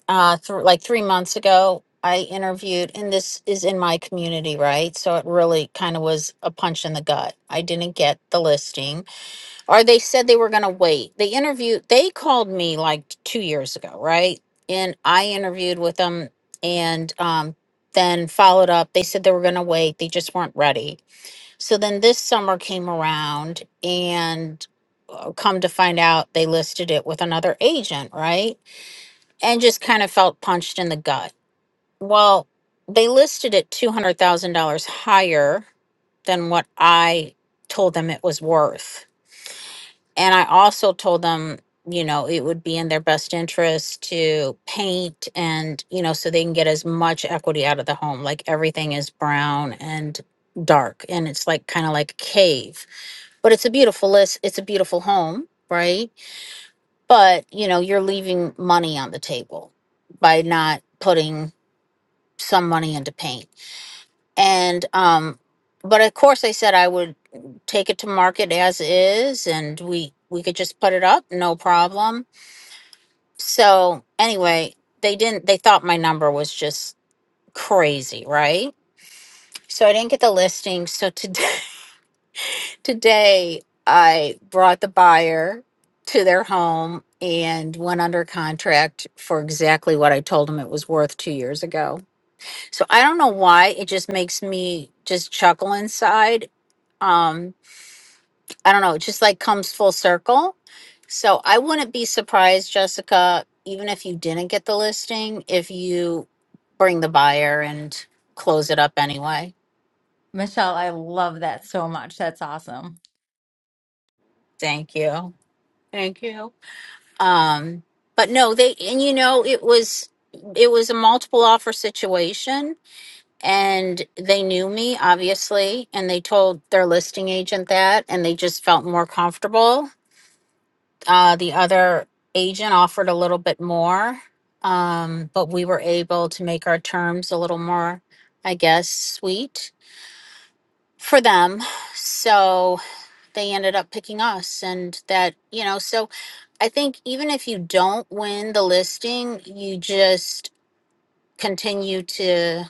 uh, through like three months ago. I interviewed, and this is in my community, right? So it really kind of was a punch in the gut. I didn't get the listing. or they said they were going to wait. They interviewed, they called me like two years ago, right? And I interviewed with them and um, then followed up. They said they were going to wait, they just weren't ready. So then this summer came around, and uh, come to find out, they listed it with another agent, right? And just kind of felt punched in the gut. Well, they listed it $200,000 higher than what I told them it was worth and I also told them, you know, it would be in their best interest to paint and, you know, so they can get as much equity out of the home. Like everything is brown and dark and it's like kind of like a cave. But it's a beautiful list. It's a beautiful home, right? But, you know, you're leaving money on the table by not putting some money into paint and um but of course i said i would take it to market as is and we we could just put it up no problem so anyway they didn't they thought my number was just crazy right so i didn't get the listing so today today i brought the buyer to their home and went under contract for exactly what i told them it was worth two years ago so i don't know why it just makes me just chuckle inside um I don't know, it just like comes full circle. So I wouldn't be surprised, Jessica, even if you didn't get the listing, if you bring the buyer and close it up anyway. Michelle, I love that so much. That's awesome. Thank you. Thank you. Um, but no, they and you know it was it was a multiple offer situation and they knew me obviously and they told their listing agent that and they just felt more comfortable Uh, the other agent offered a little bit more, um, but we were able to make our terms a little more, I guess, sweet for them. So they ended up picking us. And that, you know, so I think even if you don't win the listing, you just continue to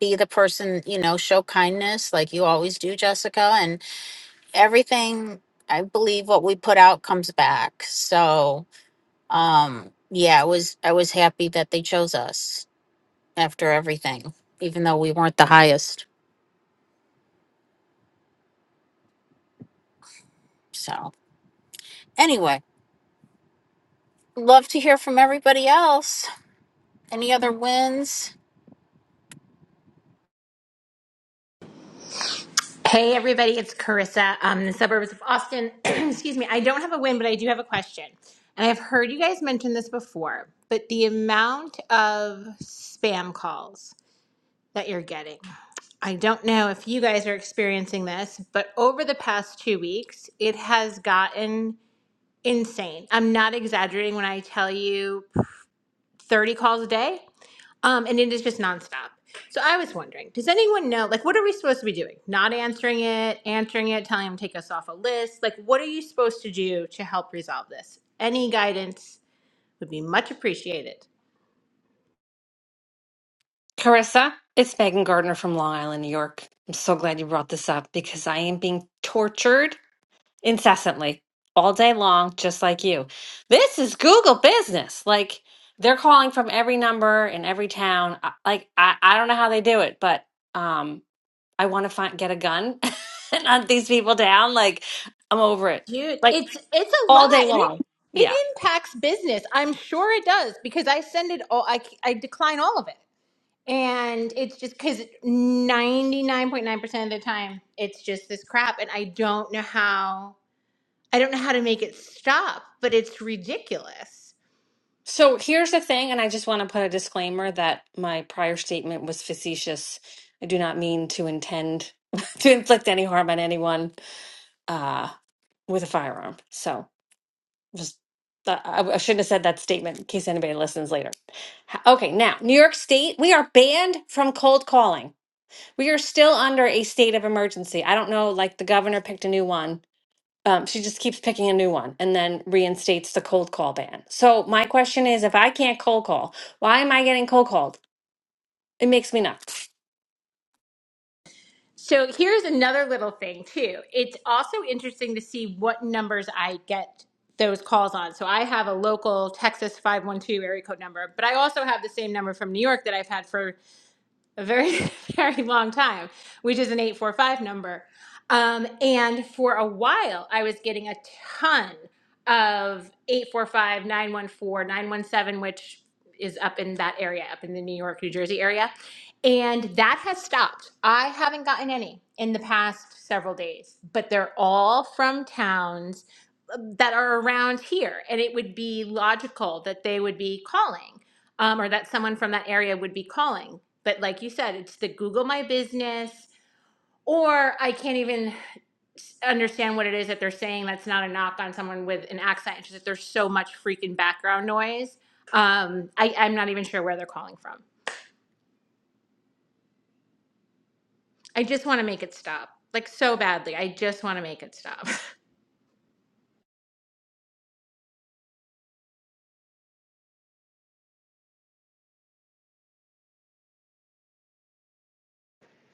be the person, you know, show kindness like you always do, Jessica. And everything, I believe what we put out comes back. So, um yeah i was i was happy that they chose us after everything even though we weren't the highest so anyway love to hear from everybody else any other wins Hey everybody, it's Carissa, um, in the suburbs of Austin. Excuse me, I don't have a win, but I do have a question. And I've heard you guys mention this before, but the amount of spam calls that you're getting. I don't know if you guys are experiencing this, but over the past two weeks, it has gotten insane. I'm not exaggerating when I tell you 30 calls a day. Um, and it is just nonstop. So I was wondering, does anyone know, like, what are we supposed to be doing? Not answering it, answering it, telling them to take us off a list. Like, what are you supposed to do to help resolve this? Any guidance would be much appreciated. Carissa, it's Megan Gardner from Long Island, New York. I'm so glad you brought this up because I am being tortured incessantly all day long, just like you. This is Google business. Like, they're calling from every number in every town. I- Like, I, I don't know how they do it, but um, I want to find, get a gun and hunt these people down. Like, I'm over it. Dude, Like, it's it's a lot, all day and it long. Yeah. it impacts business. I'm sure it does because I send it all. I I decline all of it, and it's just because 99.9 percent of the time it's just this crap, and I don't know how I don't know how to make it stop, but it's ridiculous. So here's the thing, and I just want to put a disclaimer that my prior statement was facetious. I do not mean to intend to inflict any harm on anyone uh, with a firearm. So just uh, I, I shouldn't have said that statement in case anybody listens later. H- Okay, now New York State, we are banned from cold calling. We are still under a state of emergency. I don't know, like the governor picked a new one um, she just keeps picking a new one and then reinstates the cold call ban. So my question is, if I can't cold call, why am I getting cold called? It makes me nuts. So here's another little thing too. It's also interesting to see what numbers I get those calls on. So I have a local Texas 512 area code number, but I also have the same number from New York that I've had for a very very long time which is an 845 number um, and for a while i was getting a ton of 845 914 917, which is up in that area up in the new york new jersey area and that has stopped i haven't gotten any in the past several days but they're all from towns um, that are around here and it would be logical that they would be calling um, or that someone from that area would be calling but like you said, it's the Google My Business, or I can't even understand what it is that they're saying. That's not a knock on someone with an accent. It's just that there's so much freaking background noise. Um, I, I'm not even sure where they're calling from. I just want to make it stop, like so badly. I just want to make it stop.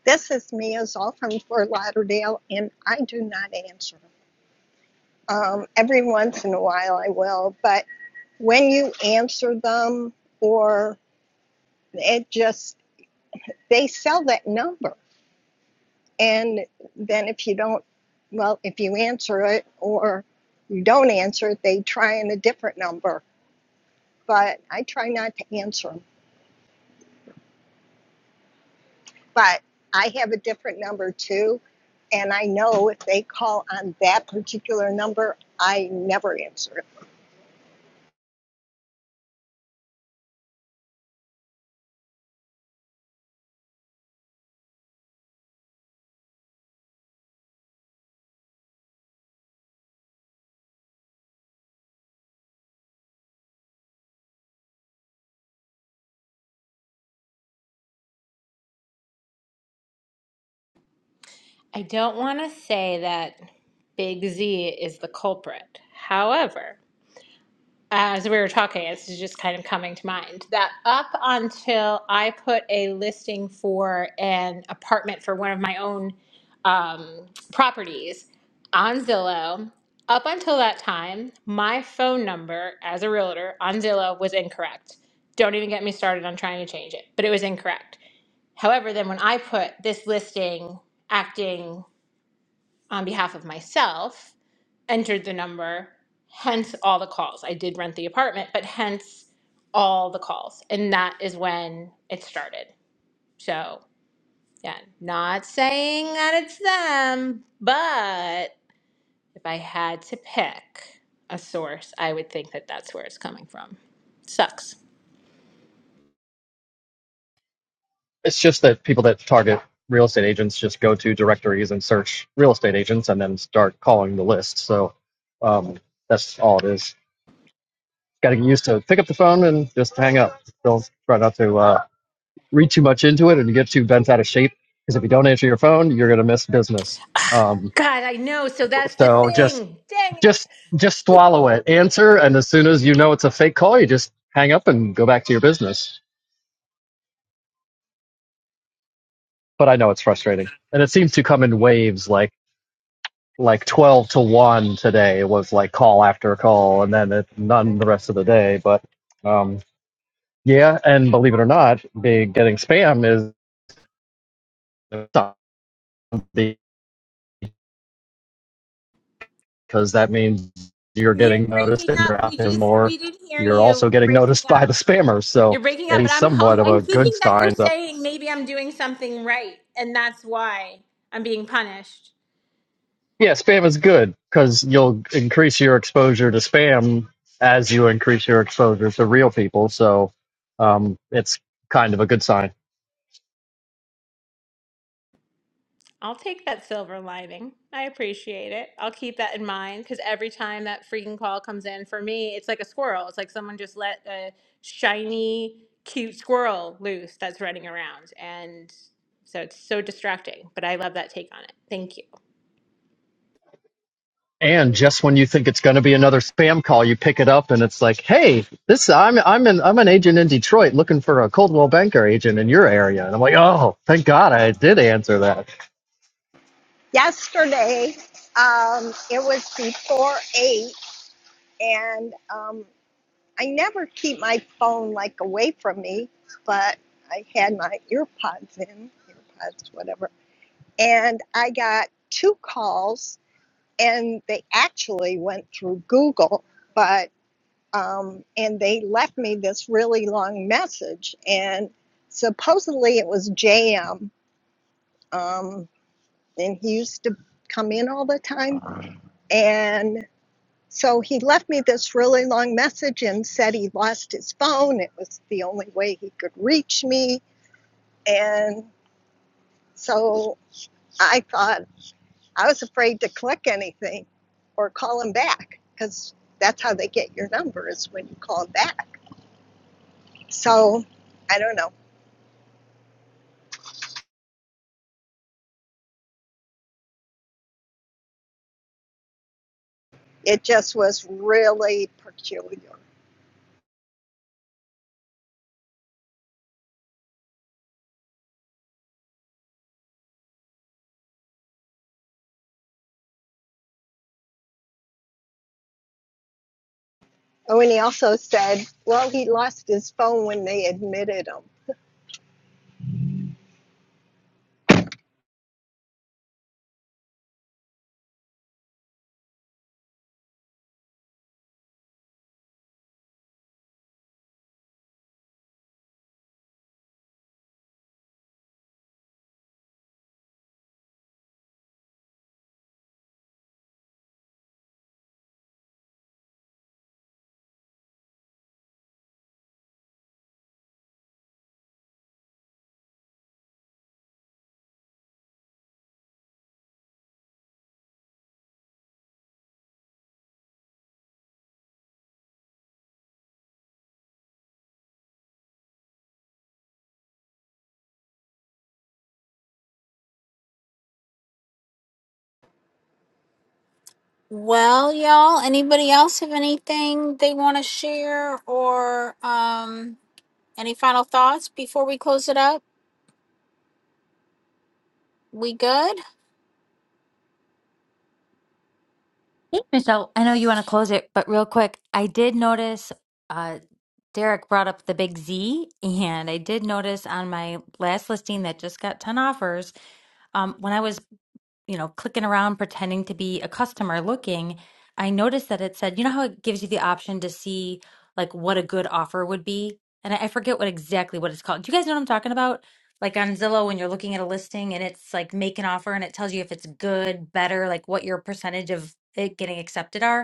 This is Mia Zoll from Fort Lauderdale, and I do not answer. Um, every once in a while I will, but when you answer them, or it just, they sell that number. And then if you don't, well, if you answer it or you don't answer it, they try in a different number. But I try not to answer them. But I have a different number too. And I know if they call on that particular number, I never answer it. I don't want to say that Big Z is the culprit. However, uh, as we were talking, it's just kind of coming to mind that up until I put a listing for an apartment for one of my own um, properties on Zillow, up until that time, my phone number as a realtor on Zillow was incorrect. Don't even get me started on trying to change it, but it was incorrect. However, then when I put this listing acting on behalf of myself, entered the number, hence all the calls. I did rent the apartment, but hence all the calls. And that is when it started. So, yeah, not saying that it's them, but if I had to pick a source, I would think that that's where it's coming from. Sucks. It's just that people that target real estate agents just go to directories and search real estate agents and then start calling the list. So um, that's all it is. Got to get used to pick up the phone and just hang up. Don't try not to uh, read too much into it and get too bent out of shape because if you don't answer your phone, you're gonna miss business. Um, God, I know. So that's the so just thing. Dang it. just just swallow it. Answer, and as soon as you know it's a fake call, you just hang up and go back to your business. But I know it's frustrating, and it seems to come in waves. Like like 12 to 1 today It was like call after call and then it, none the rest of the day but um yeah and believe it or not the getting spam is because that means you're You're getting noticed breaking and up. you're out We there just, more we didn't hear you're you. also We're getting breaking noticed up. by the spammers so You're breaking up, and it's I'm somewhat hum- of a I'm good thinking that you're sign so saying maybe I'm doing something right, and that's why I'm being punished. yeah spam is good because you'll increase your exposure to spam as you increase your exposure to real people so um, it's kind of a good sign I'll take that silver lining. I appreciate it. I'll keep that in mind because every time that freaking call comes in for me, it's like a squirrel. It's like someone just let a shiny, cute squirrel loose that's running around, and so it's so distracting. But I love that take on it. Thank you, And just when you think it's going to be another spam call, you pick it up and it's like, "Hey, this I'm I'm an I'm an agent in Detroit looking for a Coldwell Banker agent in your area." And I'm like, "Oh, thank God I did answer that." Yesterday, um, it was before eight, and um, I never keep my phone like away from me, but I had my earpods in, earpods, whatever and I got two calls, and they actually went through Google, but um, and they left me this really long message, and supposedly it was JM, um, and he used to come in all the time, and so he left me this really long message and said he lost his phone. It was the only way he could reach me, and so I thought. I was afraid to click anything or call them back because that's how they get your number is when you call them back. So I don't know. It just was really peculiar. Oh, and he also said, well, he lost his phone when they admitted him. well y'all anybody else have anything they want to share or um any final thoughts before we close it up we good Hey, Michelle, I know you want to close it, but real quick, I did notice uh, Derek brought up the big Z, and I did notice on my last listing that just got 10 offers. Um, when I was you know, clicking around pretending to be a customer looking, I noticed that it said, you know how it gives you the option to see like what a good offer would be? And I I forget what exactly what it's called. Do you guys know what I'm talking about? Like on Zillow when you're looking at a listing and it's like make an offer and it tells you if it's good, better, like what your percentage of it getting accepted are.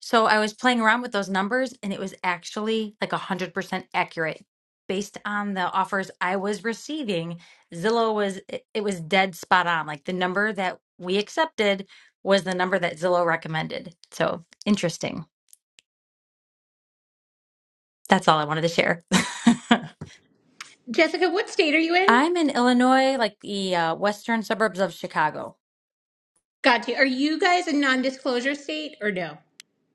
So I was playing around with those numbers and it was actually like 100% accurate. Based on the offers I was receiving, Zillow was, it it was dead spot on. Like the number that we accepted was the number that Zillow recommended. So interesting. That's all I wanted to share. Jessica. What state are you in? I'm in Illinois, like the uh, western suburbs of Chicago. Got you. Are you guys a non-disclosure state or no?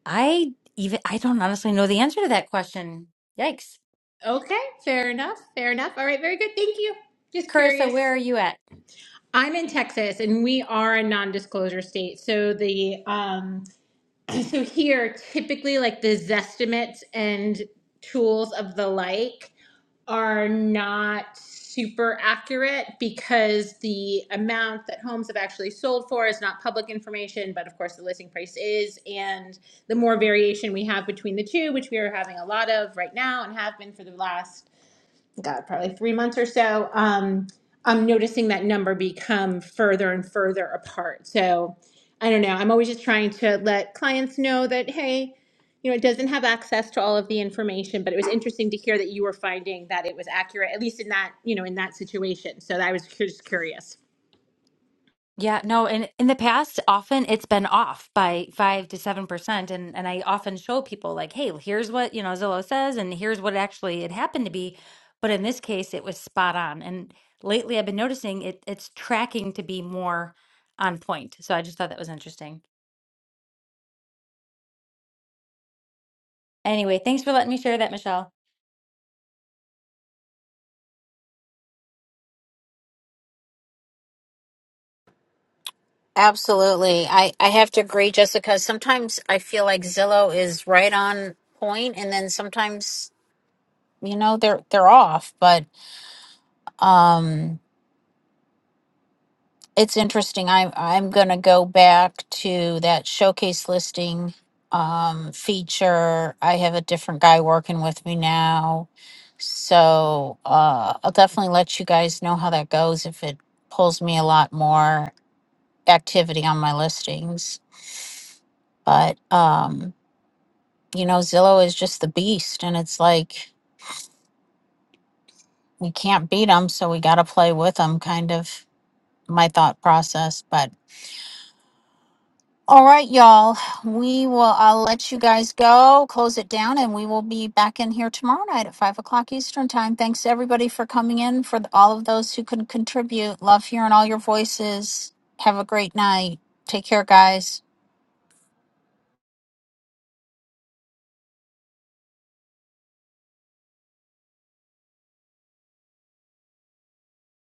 I even, I don't honestly know the answer to that question. Yikes. Okay, fair enough. Fair enough. All right, very good. Thank you. Just Carissa, where curious. are you at? I'm in Texas and we are a non-disclosure state. So the um so here typically like the zestimates and tools of the like are not super accurate because the amount that homes have actually sold for is not public information, but of course the listing price is. And the more variation we have between the two, which we are having a lot of right now and have been for the last God, probably three months or so, um, I'm noticing that number become further and further apart. So I don't know. I'm always just trying to let clients know that, hey, you know, it doesn't have access to all of the information, but it was interesting to hear that you were finding that it was accurate, at least in that, you know, in that situation. So I was just curious. Yeah, no, and in the past, often it's been off by five to seven percent, and and I often show people like, hey, well, here's what you know Zillow says, and here's what actually it happened to be, but in this case, it was spot on. And lately, I've been noticing it it's tracking to be more on point. So I just thought that was interesting. Anyway, thanks for letting me share that, Michelle. absolutely i i have to agree jessica sometimes i feel like zillow is right on point and then sometimes you know they're they're off but Um, it's interesting. I'm I'm gonna go back to that showcase listing um feature. I have a different guy working with me now. So uh I'll definitely let you guys know how that goes if it pulls me a lot more activity on my listings. But um, you know, Zillow is just the beast and it's like we can't beat them, so we got to play with them kind of my thought process. But All right, y'all. We will. I'll let you guys go, close it down, and we will be back in here tomorrow night at five o'clock Eastern time. Thanks everybody for coming in. For the, all of those who could contribute, love hearing all your voices. Have a great night. Take care, guys.